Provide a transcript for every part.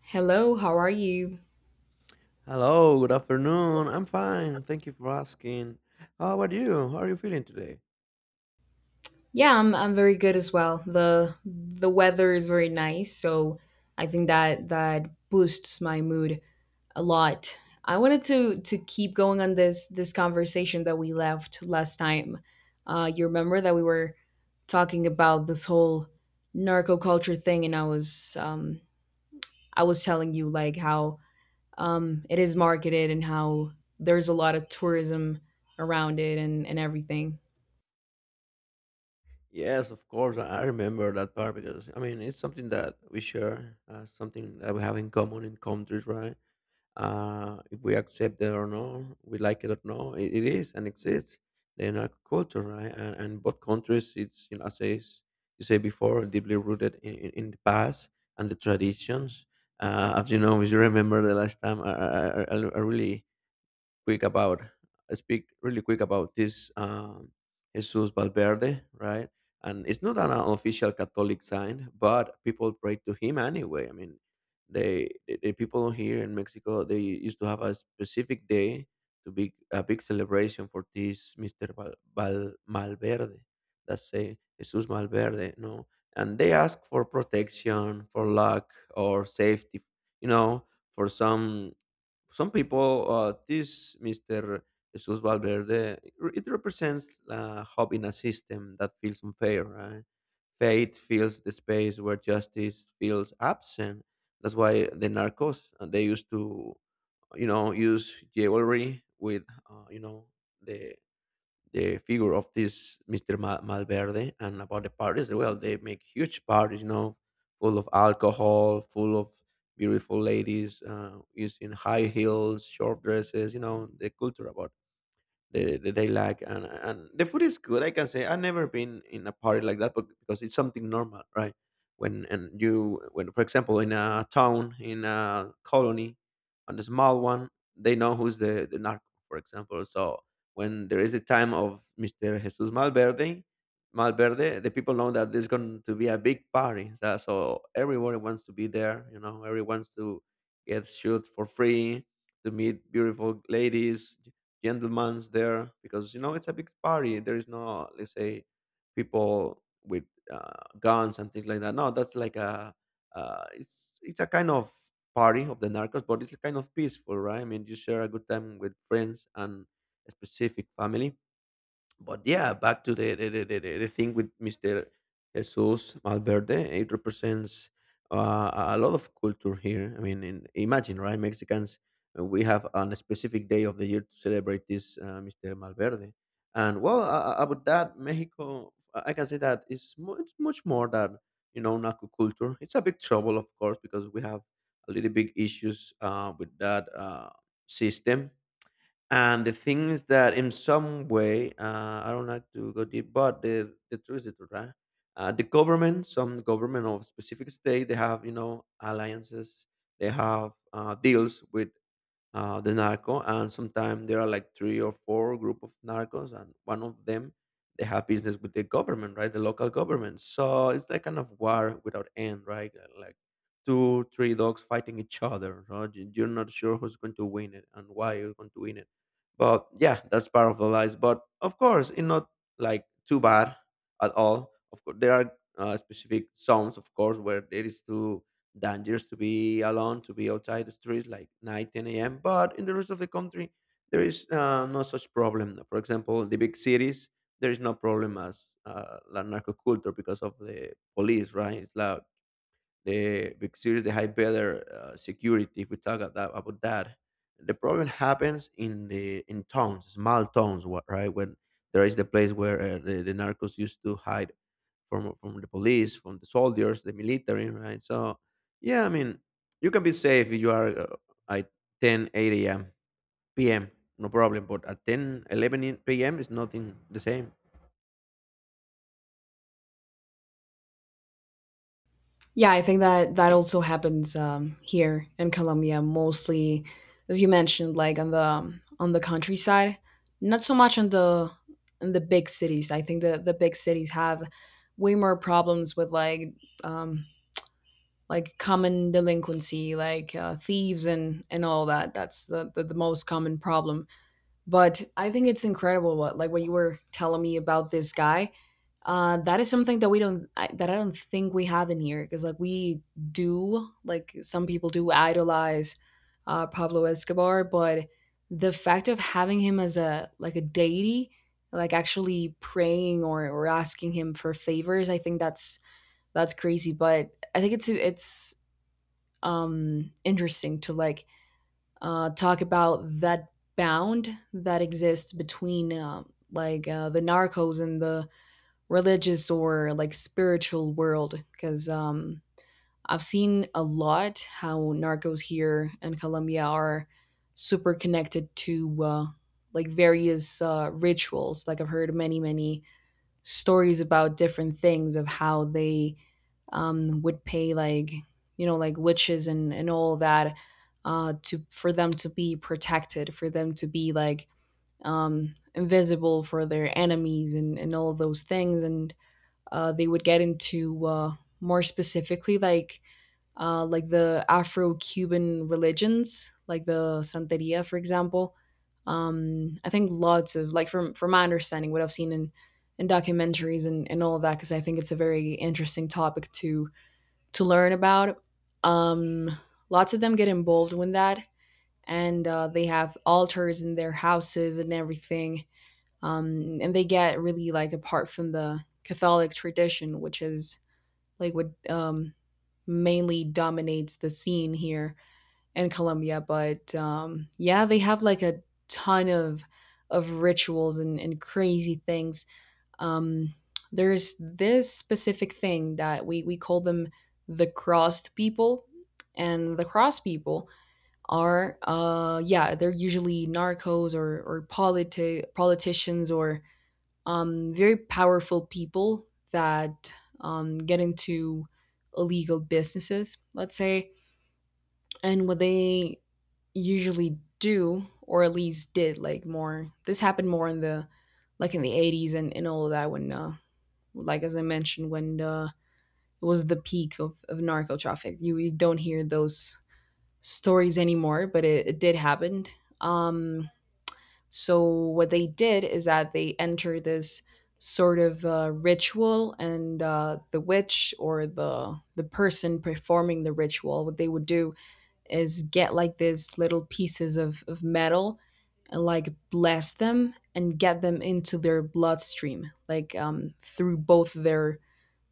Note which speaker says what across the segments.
Speaker 1: Hello, how are you?
Speaker 2: Hello, good afternoon. I'm fine. Thank you for asking. How about you? How are you feeling today?
Speaker 1: Yeah, I'm very good as well. The weather is very nice, so I think that that boosts my mood a lot. I wanted to keep going on this conversation that we left last time. You remember that we were talking about this whole narco culture thing, and I was telling you like how it is marketed and how there's a lot of tourism around it and everything.
Speaker 2: Yes, of course. I remember that part because I mean it's something that we share, something that we have in common in countries, right? If we accept it or no, we like it or no, it is and exists in our culture, right? And both countries, it's, as you say before, deeply rooted in the past and the traditions. As you know, if you remember the last time, I really quick about speak really quick about this Jesus Valverde, right? And it's not an official Catholic sign, but people pray to him anyway. I mean, the people here in Mexico, they used to have a specific day to be a big celebration for this Mister Val Malverde. That's say Jesus Malverde, no, and they ask for protection, for luck, or safety. You know, for some people, this Mr. Jesus Valverde, it represents a hope in a system that feels unfair, right? Faith fills the space where justice feels absent. That's why the narcos, they used to, use jewelry with, uh, you know, the the figure of this Mr. Malverde, and about the parties. Well, they make huge parties, full of alcohol, full of beautiful ladies, using high heels, short dresses, the culture about they like, and the food is good. I can say I've never been in a party like that, but because it's something normal, right? when and you When, for example, in a town, in a colony, on a small one, they know who's the narco, for example. So when there is the time of Mr. Jesus Malverde, the people know that there's going to be a big party. So everyone wants to be there, everyone wants to get shoot for free, to meet beautiful ladies. Gentlemen's there because, it's a big party. There is no, let's say, people with guns and things like that. No, that's like a it's a kind of party of the narcos, but it's kind of peaceful, right? I mean, you share a good time with friends and a specific family. But yeah, back to the thing with Mr. Jesus Malverde. It represents, a lot of culture here. I mean, imagine, right? Mexicans, we have on a specific day of the year to celebrate this Mr. Malverde. And, well, about that, Mexico, I can say that it's much, much more than, Naco culture. It's a big trouble, of course, because we have a little big issues, with that, system. And the thing is that in some way, I don't like to go deep, but the truth is the truth, right? The government, some government of specific state, they have, alliances, they have, deals with the narco. And sometimes there are like three or four group of narcos, and one of them, they have business with the government, right? The local government. So it's like kind of war without end, right? Like two, three dogs fighting each other. Right? You're not sure who's going to win it and why you're going to win it. But yeah, that's part of the lies. But of course, it's not like too bad at all. Of course, there are specific zones, of course, where there is too dangerous to be alone, to be outside the streets like 9, 10 a.m. But in the rest of the country, there is no such problem. For example, the big cities, there is no problem as la narco culture because of the police, right? It's loud. The big cities, they have better security. If we talk about that, the problem happens in the in towns, small towns, right? When there is the place where the narcos used to hide from the police, from the soldiers, the military, right? So yeah, I mean, you can be safe if you are at 10, 8 a.m., p.m., no problem. But at 10, 11 p.m. is nothing the same.
Speaker 1: Yeah, I think that that also happens here in Colombia, mostly as you mentioned, like on the countryside, not so much on the in the big cities. I think the big cities have way more problems with um, like common delinquency, like thieves and all that. That's the the most common problem. But I think it's incredible what like what you were telling me about this guy that is something that I don't think we have in here, because like we do like some people do idolize Pablo Escobar, but the fact of having him as a like a deity, like actually praying or asking him for favors, I think that's crazy. But I think it's interesting to like talk about that bound that exists between the narcos and the religious or like spiritual world because I've seen a lot how narcos here in Colombia are super connected to like various rituals. Like I've heard many, many stories about different things of how they would pay like, you know, like witches and all that to for them to be protected, for them to be like invisible for their enemies and all those things, and they would get into more specifically like the Afro-Cuban religions, like the Santeria, for example. I think lots of like from my understanding, what I've seen in documentaries and all of that, because I think it's a very interesting topic to learn about. Um, Lots of them get involved with that, and they have altars in their houses and everything. And they get really like apart from the Catholic tradition, which is Lakewood mainly dominates the scene here in Colombia. But yeah, they have like a ton of rituals and crazy things. Um, there's this specific thing that we call them the crossed people, and the crossed people are yeah, they're usually narcos or politicians or very powerful people that get into illegal businesses, let's say. And what they usually do, or at least did, like more, this happened more in the like in the 80s and all of that when like as I mentioned when it was the peak of narco traffic. You don't hear those stories anymore, but it did happen. um, so what they did is that they enter this sort of ritual, and the witch or the person performing the ritual, what they would do is get like these little pieces of metal and like bless them and get them into their bloodstream, like through both their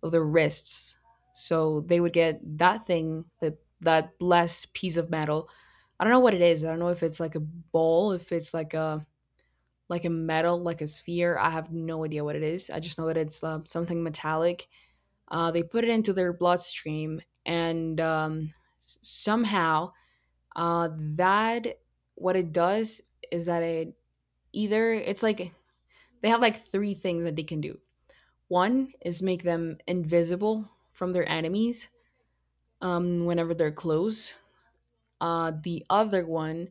Speaker 1: of their wrists. So they would get that thing, that that blessed piece of metal. I don't know what it is. I don't know if it's like a ball, if it's like a metal, like a sphere. I have no idea what it is. I just know that it's something metallic. They put it into their bloodstream, and somehow that what it does is that it either it's like they have like three things that they can do. One is make them invisible from their enemies whenever they're close. The other one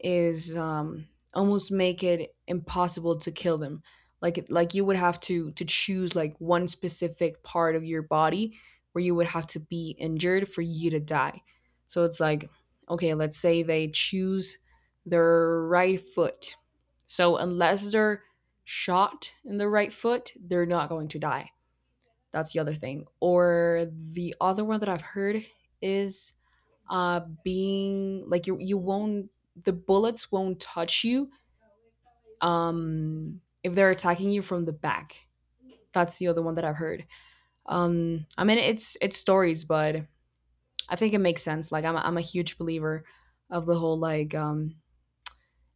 Speaker 1: is almost make it impossible to kill them. Like you would have to choose like one specific part of your body where you would have to be injured for you to die. So it's like, okay, let's say they choose their right foot. So unless they're shot in the right foot, they're not going to die. That's the other thing. Or the other one that I've heard is being like you won't the bullets won't touch you if they're attacking you from the back. That's the other one that I've heard. I mean, it's stories, but I think it makes sense. Like I'm a huge believer of the whole like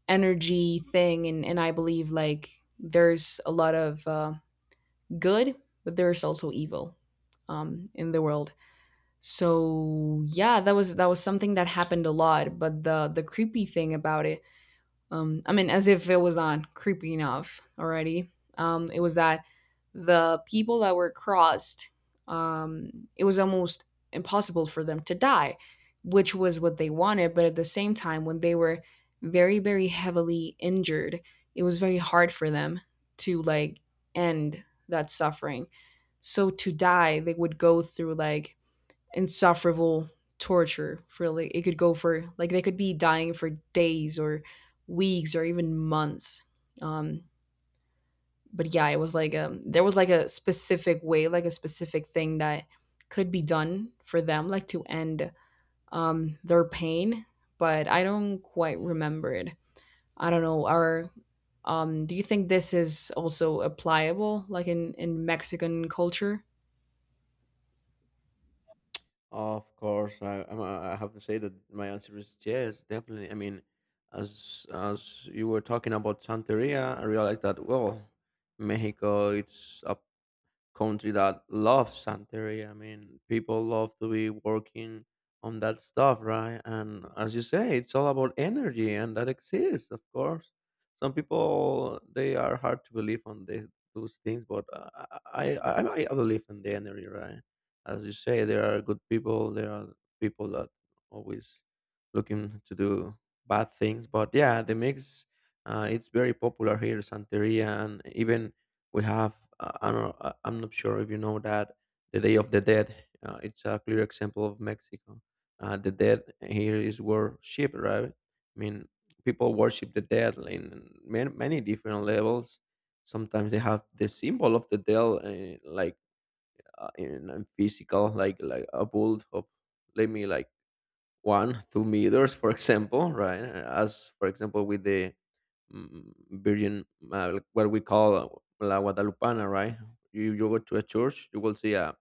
Speaker 1: energy thing, and I believe like there's a lot of good, but there's also evil in the world. So yeah, that was something that happened a lot. But the creepy thing about it, I mean, as if it was not creepy enough already. It was that the people that were crossed, it was almost impossible for them to die, which was what they wanted. But at the same time, when they were very, very heavily injured, it was very hard for them to like end that suffering. So to die, they would go through like insufferable torture for like it could go for like they could be dying for days or weeks or even months. um but yeah, it was like there was like a specific way, like a specific thing that could be done for them like to end their pain, but I don't quite remember it. I don't know. Or do you think this is also applicable like in Mexican culture?
Speaker 2: Of course, I have to say that my answer is yes, definitely. I mean, as you were talking about Santeria, I realized that, well, Mexico, it's a country that loves Santeria. I mean, people love to be working on that stuff, right? And as you say, it's all about energy, and that exists, of course. Some people, they are hard to believe on those things, but I believe in the energy, right? As you say, there are good people. There are people that always looking to do bad things, but yeah, the mix. It's very popular here, Santeria, and even we have, I don't know, I'm not sure if you know that, the Day of the Dead. It's a clear example of Mexico. The dead here is worshipped, right? I mean, people worship the dead in many, many different levels. Sometimes they have the symbol of the dead, like, in physical, like a bull of, let me, like, 1-2 meters, for example, right? As, for example, with the virgin, like what we call la guadalupana, right? You go to a church, you will see a,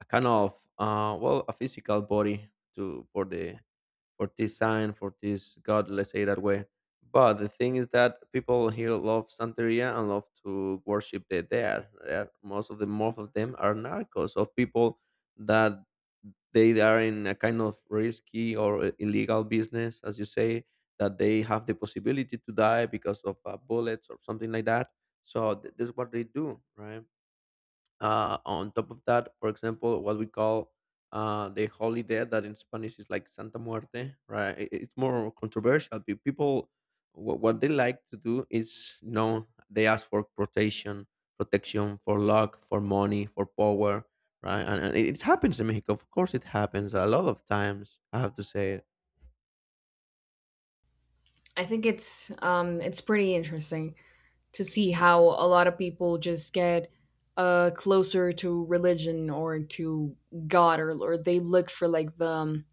Speaker 2: kind of, well, a physical body to for the for this sign, for this god, let's say, that way. But the thing is that people here love Santeria and love to worship the dead. Yeah, most of them are narcos, of people that they are in a kind of risky or illegal business, as you say, that they have the possibility to die because of bullets or something like that. So this is what they do, right? On top of that, for example, what we call the Holy Dead, that in Spanish is like Santa Muerte, right? It's more controversial. People, what they like to do is, they ask for protection, protection for luck, for money, for power, right? And it happens in Mexico. Of course, it happens a lot of times. I have to say.
Speaker 1: I think it's pretty interesting to see how a lot of people just get closer to religion or to God, or they look for like the um,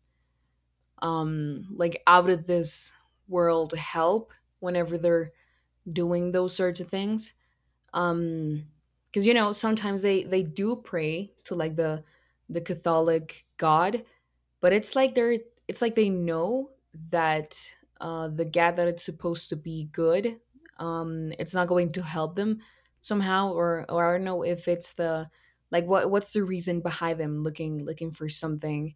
Speaker 1: um like out of this world help whenever they're doing those sorts of things. Um because, you know, sometimes they do pray to like the Catholic God, but it's like they're it's like they know that the gap that it's supposed to be good it's not going to help them somehow. Or I don't know if it's the like what what's the reason behind them looking looking for something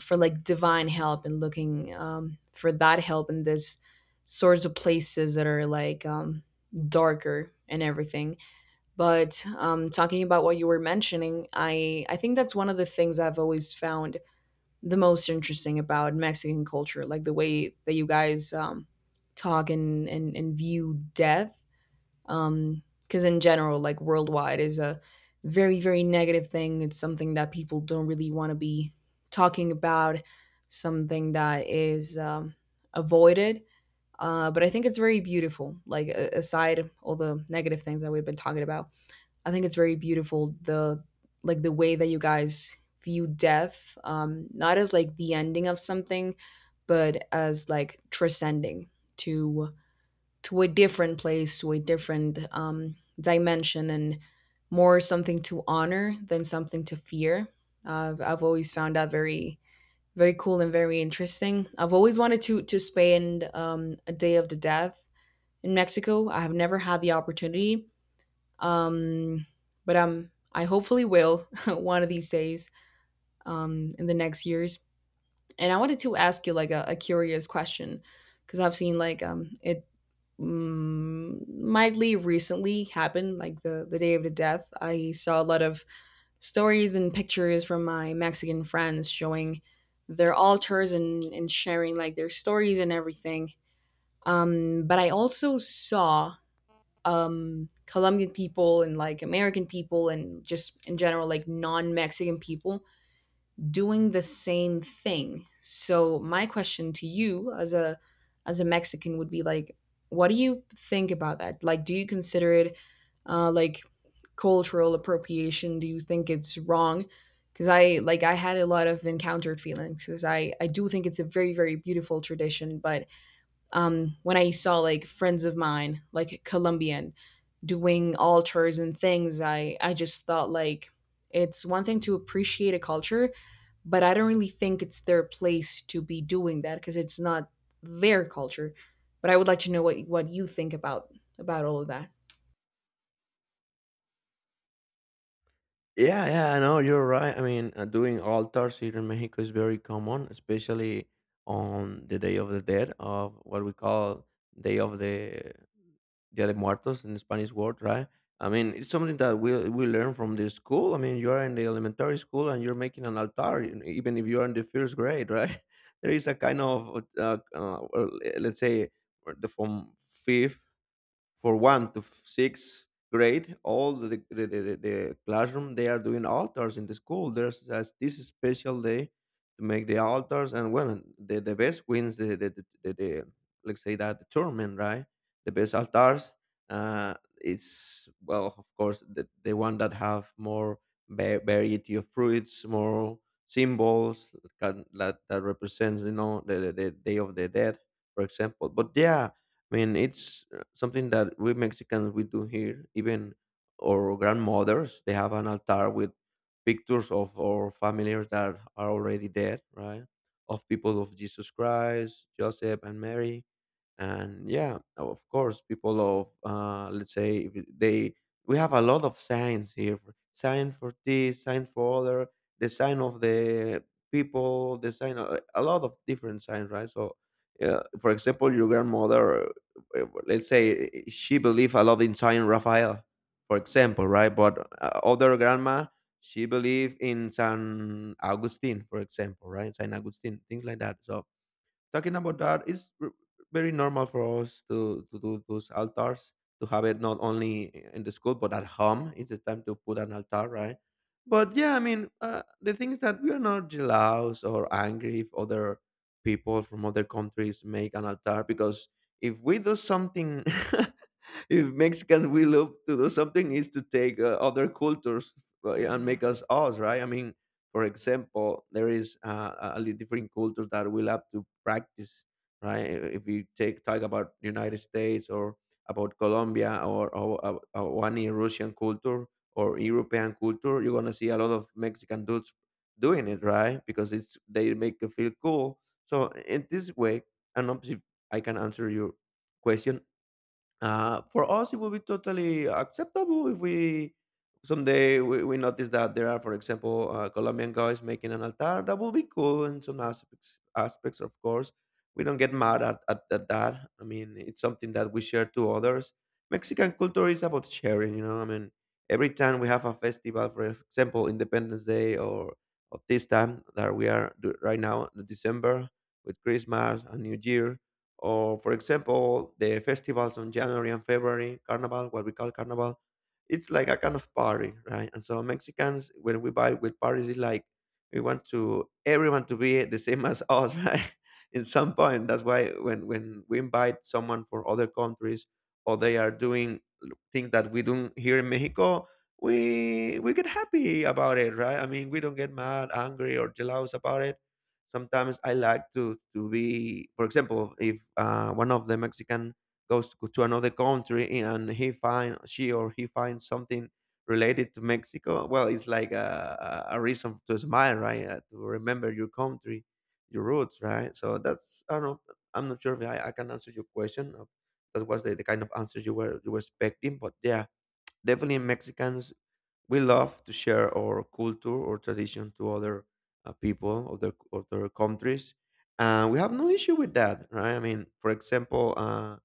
Speaker 1: for like divine help and looking for that help in this sorts of places that are like darker and everything. But talking about what you were mentioning, I think that's one of the things I've always found the most interesting about Mexican culture, like the way that you guys talk and view death. Because in general, like worldwide, is a very, very negative thing. It's something that people don't really want to be talking about, something that is avoided. But I think it's very beautiful, like aside all the negative things that we've been talking about. I think it's very beautiful the like the way that you guys view death, not as like the ending of something, but as like transcending to to a different place, to a different dimension, and more something to honor than something to fear. I've always found that very very cool and very interesting. I've always wanted to spend a day of the death in Mexico. I have never had the opportunity, um, but I hopefully will one of these days in the next years. And I wanted to ask you like a curious question because I've seen like it mildly recently happened, like the day of the death. I saw a lot of stories and pictures from my Mexican friends showing their altars and sharing like their stories and everything. But I also saw Colombian people and like American people and just in general like non-Mexican people doing the same thing. So my question to you as a Mexican would be like, what do you think about that? Like, do you consider it like cultural appropriation? Do you think it's wrong? Cuz I like I had a lot of encountered feelings, cuz I do think it's a very very beautiful tradition, but when I saw like friends of mine, like Colombian, doing altars and things, I just thought like it's one thing to appreciate a culture, but I don't really think it's their place to be doing that because it's not their culture. But I would like to know what you think about all of that.
Speaker 2: Yeah, yeah, I know you're right. I mean, doing altars here in Mexico is very common, especially on the Day of the Dead, of what we call Day of the Dia de Muertos in the Spanish word, right? I mean, it's something that we learn from the school. I mean, you're in the elementary school and you're making an altar, even if you're in the first grade, right? There is a kind of, well, let's say, or the from fifth, for one to f- sixth grade, all the classroom, they are doing altars in the school. There's as this special day to make the altars. And, well, the best wins the let's say, that the tournament, right? The best altars. Uh, it's well, of course, the one that have more variety of fruits, more symbols that represents, the day of the dead, for example. But yeah, I mean, it's something that we Mexicans we do here. Even our grandmothers, they have an altar with pictures of our familiars that are already dead, right? Of people of Jesus Christ, Joseph and Mary. And yeah. Oh, of course, people of, let's say, if they, we have a lot of signs here, sign for this, sign for other, the sign of the people, the sign of, a lot of different signs, right? So, for example, your grandmother, let's say, she believed a lot in Saint Raphael, for example, right? But other grandma, she believed in San Augustine, for example, right? Saint Augustine, things like that. So talking about that, it's very normal for us to do those altars, to have it not only in the school but at home. It's the time to put an altar, right? But yeah, I mean, the thing is that we are not jealous or angry if other people from other countries make an altar because if we do something if Mexicans, we love to do something, is to take other cultures, and make us us, right? I mean, for example, there is different cultures that we love to practice, right? If we take talk about United States or about Colombia or any Russian culture or European culture, you're gonna see a lot of Mexican dudes doing it, right? Because it's they make you feel cool. So in this way, and obviously I can answer your question, for us, it will be totally acceptable if we someday we notice that there are, for example, Colombian guys making an altar. That will be cool in some aspects. Aspects, of course, we don't get mad at that. I mean, it's something that we share to others. Mexican culture is about sharing. You know, I mean, every time we have a festival, for example, Independence Day or, of this time that right now, December with Christmas and New Year, or for example the festivals on January and February, carnival, what we call carnival. It's like a kind of party, right? And so Mexicans, when we buy with parties, it's like we want to everyone to be the same as us, right? In some point, that's why when we invite someone for other countries, or they are doing things that we do here in Mexico, we get happy about it, right? I mean, we don't get mad, angry, or jealous about it. Sometimes I like to be, for example, if one of the Mexican goes to another country and he find she or he finds something related to Mexico, well, it's like a reason to smile, right? To remember your country, your roots, right? So that's, I don't know. I'm not sure if I can answer your question. That was the kind of answer you were expecting, but yeah, definitely Mexicans, we love to share our culture or tradition to other people, other countries, and we have no issue with that, right? I mean, for example. Uh,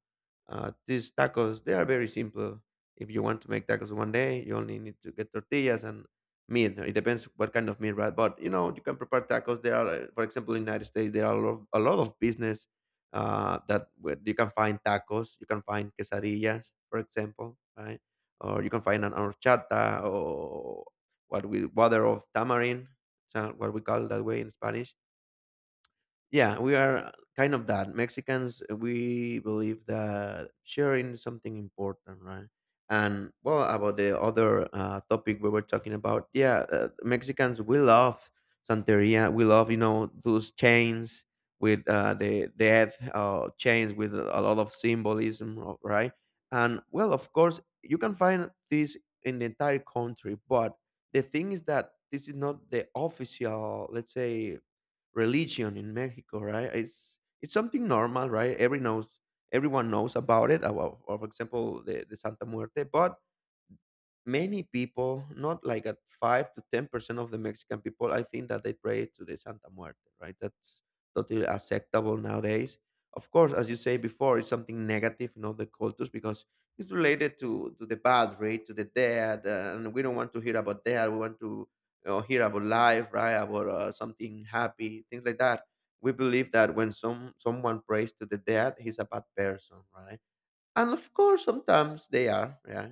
Speaker 2: uh, These tacos, they are very simple. If you want to make tacos one day, you only need to get tortillas and meat. It depends what kind of meat, right? But you know, you can prepare tacos. There are, for example, in United States, there are a lot of business that where you can find tacos, you can find quesadillas, for example, right? Or you can find an horchata or what we water of tamarind, so what we call that way in Spanish. Yeah, we are kind of that. Mexicans, we believe that sharing is something important, right? And well, about the other topic we were talking about, yeah, Mexicans, we love Santeria. We love, you know, those chains with the death, chains with a lot of symbolism, right? And well, of course, you can find this in the entire country, but the thing is that this is not the official, let's say, religion in Mexico, right? It's something normal, right? Everyone knows about it. About, for example, the Santa Muerte, but many people, not like at 5 to 10% of the Mexican people, I think that they pray to the Santa Muerte, right? That's totally acceptable nowadays. Of course, as you say before, it's something negative in other cultures because it's related to the bad, right? To the dead, and we don't want to hear about death. We want to, you know, hear about life, right? About something happy, things like that. We believe that when someone prays to the dead, he's a bad person, right? And of course, sometimes they are, yeah.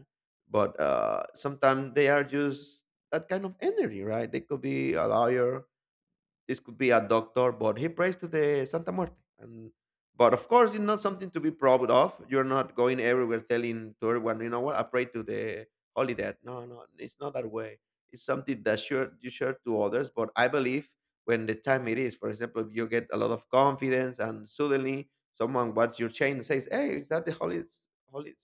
Speaker 2: But sometimes they are just that kind of energy, right? They could be a lawyer, this could be a doctor, but he prays to the Santa Muerte. And But of course, it's not something to be proud of. You're not going everywhere telling to everyone, you know what? I pray to the Holy Dead. No, no, it's not that way. It's something that sure you share to others. But I believe when the time it is, for example, if you get a lot of confidence and suddenly someone watches your chain and says, "Hey, is that the Holy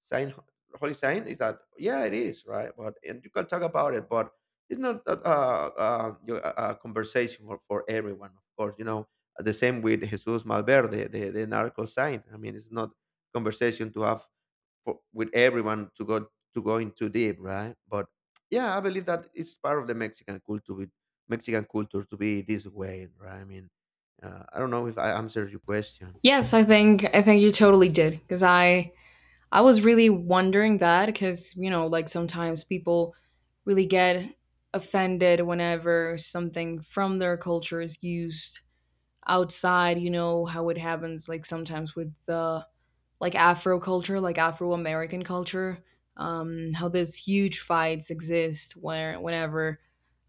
Speaker 2: Sign?" Holy sign, is that? Yeah, it is, right? But and you can talk about it, but it's not that a conversation for everyone, of course. You know, the same with Jesus Malverde, the narco saint. I mean, it's not conversation to have for, with everyone to go in too deep, right? But yeah, I believe that it's part of the Mexican culture, to be this way, right? I mean, I don't know if I answered your question.
Speaker 1: Yes, I think you totally did because I was really wondering that because, you know, like sometimes people really get offended whenever something from their culture is used outside. You know, how it happens like sometimes with the like Afro culture, like Afro American culture, how these huge fights exist where whenever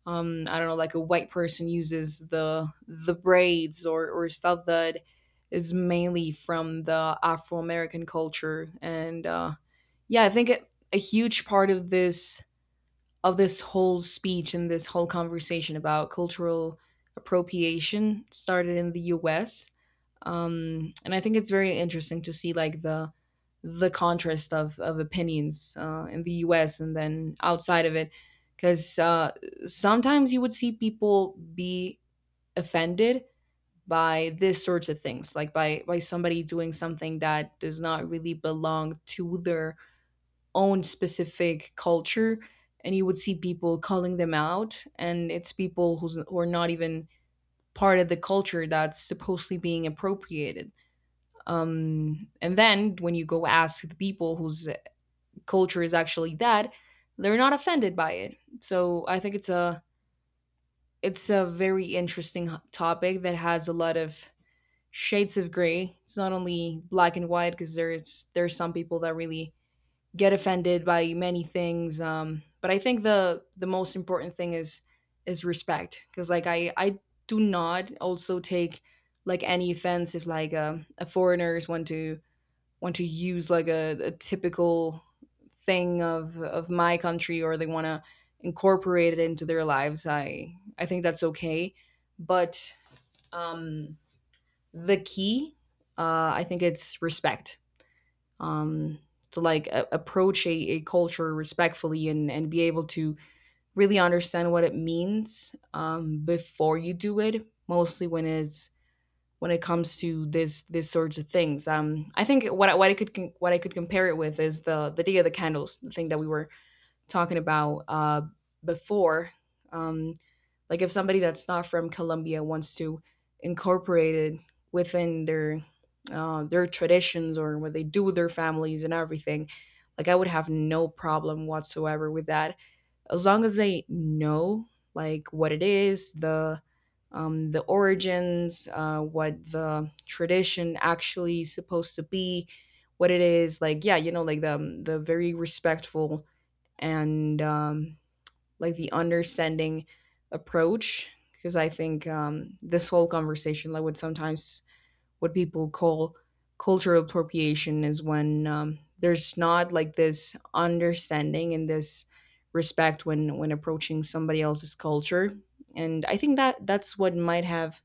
Speaker 1: I don't know, like a white person uses the braids or stuff that is mainly from the Afro American culture. And yeah, I think a huge part of this whole speech and this whole conversation about cultural appropriation started in the U.S. And I think it's very interesting to see like the contrast of opinions in the U.S. and then outside of it, because sometimes you would see people be offended by this sorts of things, like by somebody doing something that does not really belong to their own specific culture. And you would see people calling them out, and it's people who's, who are not even part of the culture that's supposedly being appropriated. And then when you go ask the people whose culture is actually that, they're not offended by it. So I think it's a very interesting topic that has a lot of shades of gray. It's not only black and white, because there's some people that really get offended by many things. But I think the most important thing is respect, because like I do not also take like any offense if like a foreigners want to use like a typical thing of my country, or they want to incorporate it into their lives. I think that's okay. But um the key I think it's respect, um, to like approach a culture respectfully and be able to really understand what it means before you do it, mostly when it's when it comes to this this sorts of things. I think what what I could what I could compare it with is the day of the candles, the thing that we were talking about before. um, like if somebody that's not from Colombia wants to incorporate it within their traditions or what they do with their families and everything, like I would have no problem whatsoever with that, as long as they know like what it is, the origins, what the tradition actually supposed to be, what it is like. Yeah, you know, like the very respectful and like the understanding approach, because I think this whole conversation, like what sometimes what people call cultural appropriation, is when there's not like this understanding and this respect when approaching somebody else's culture. And I think that that's what might have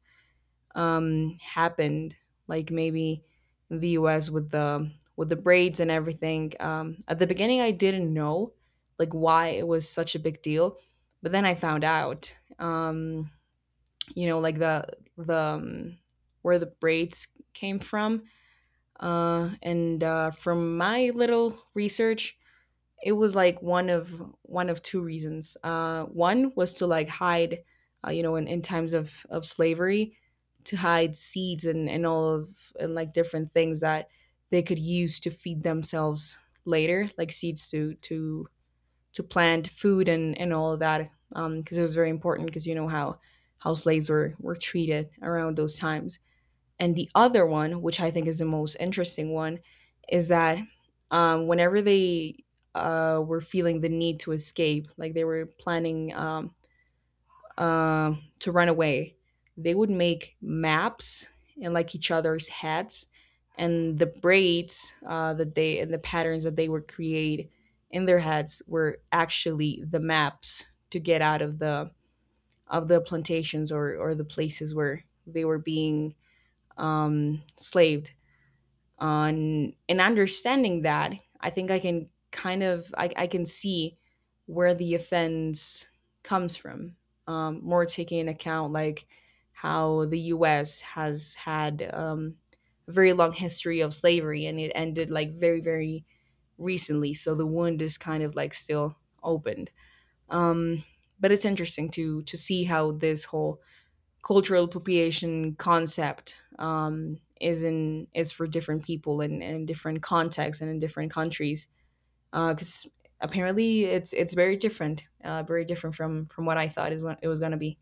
Speaker 1: happened, like maybe in the U.S. With the braids and everything. At the beginning, I didn't know like why it was such a big deal, but then I found out. You know, like the where the braids came from, and from my little research, it was like one of two reasons. One was to like hide, you know, in times of slavery, to hide seeds and all of and like different things that they could use to feed themselves later, like seeds to plant food and all of that, because it was very important because you know how slaves were treated around those times. And the other one, which I think is the most interesting one, is that whenever they were feeling the need to escape, like they were planning uh, to run away, they would make maps and like each other's hats, and the braids that they and the patterns that they would create in their heads were actually the maps to get out of the plantations or the places where they were being slaved on. And understanding that, I think I can kind of I can see where the offense comes from, more taking into account like how the us has had a very long history of slavery, and it ended like very very recently, so the wound is kind of like still opened. But it's interesting to see how this whole cultural appropriation concept is in is for different people and in different contexts and in different countries, because apparently it's very different, very different from what I thought is what it was going to be.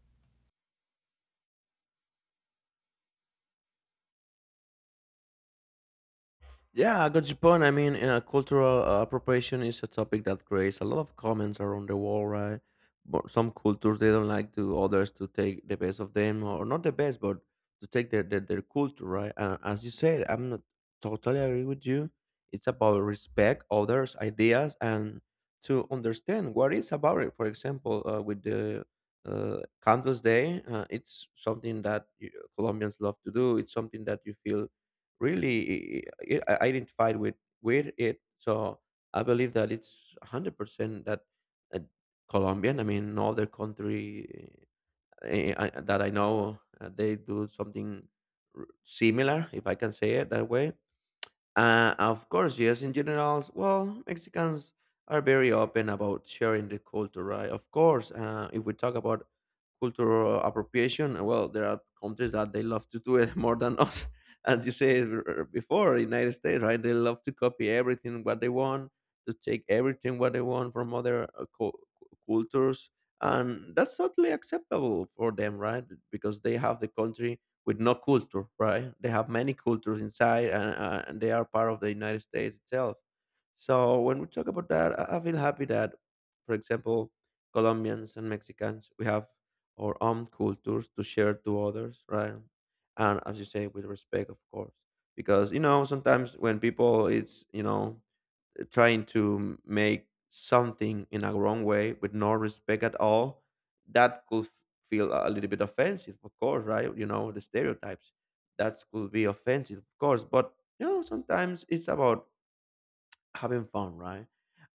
Speaker 2: Yeah, I got your point. I mean, cultural appropriation is a topic that creates a lot of comments around the world, right? But some cultures, they don't like to others to take the best of them, or not the best, but to take their culture, right? And as you said, I'm not totally agree with you. It's about respect others' ideas and to understand what is about it. For example, with the uh, Candles Day, it's something that you, Colombians love to do. It's something that you feel really i- i- identified with it. So I believe that it's 100% that uh, Colombian. I mean, no other country that I know they do something similar, if I can say it that way. Of course, yes. In general, well, Mexicans are very open about sharing the culture, right? Of course, if we talk about cultural appropriation, well, there are countries that they love to do it more than us. As you said before, United States, right? They love to copy everything what they want, to take everything what they want from other cultures, and that's totally acceptable for them, right? Because they have the country with no culture, right? They have many cultures inside, and they are part of the United States itself. So when we talk about that, I feel happy that, for example, Colombians and Mexicans, we have our own cultures to share to others, right? And as you say, with respect, of course, because you know sometimes when people, it's, you know, trying to make something in a wrong way with no respect at all, that could feel a little bit offensive, of course, right? You know, the stereotypes that could be offensive, of course. But you know, sometimes it's about having fun, right?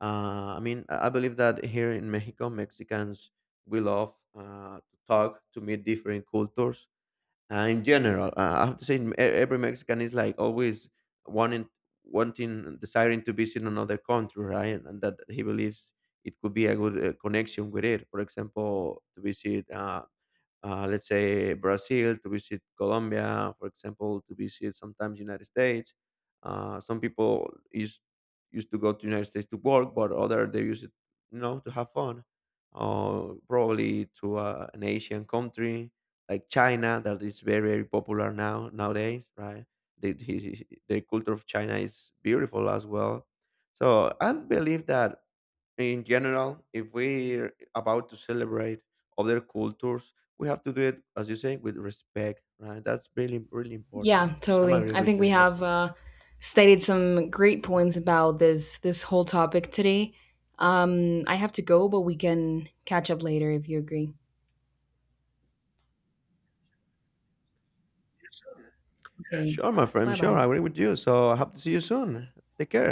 Speaker 2: I mean, I believe that here in Mexico, Mexicans, we love to talk, to meet different cultures, in general, I have to say, every Mexican is like always wanting, wanting, desiring to visit another country, right? And that he believes it could be a good connection with it. For example, to visit, let's say, Brazil, to visit Colombia, for example, to visit sometimes United States. Some people used to go to United States to work, but other they use it, you know, to have fun, or probably to an Asian country like China that is very very popular now nowadays, right? The he- the culture of China is beautiful as well. So I believe that in general, if we're about to celebrate other cultures, we have to do it as you say with respect, right? That's really really
Speaker 1: Yeah,
Speaker 2: important. I'm
Speaker 1: totally.
Speaker 2: agree
Speaker 1: I
Speaker 2: with
Speaker 1: think
Speaker 2: you
Speaker 1: we
Speaker 2: in that
Speaker 1: have
Speaker 2: point.
Speaker 1: stated some great points about this this whole topic today. I have to go, but we can catch up later if you agree. Okay.
Speaker 2: Sure, my
Speaker 1: Bye
Speaker 2: friend. Sure, I agree
Speaker 1: bye.
Speaker 2: with you. So I hope to see you soon. Take care.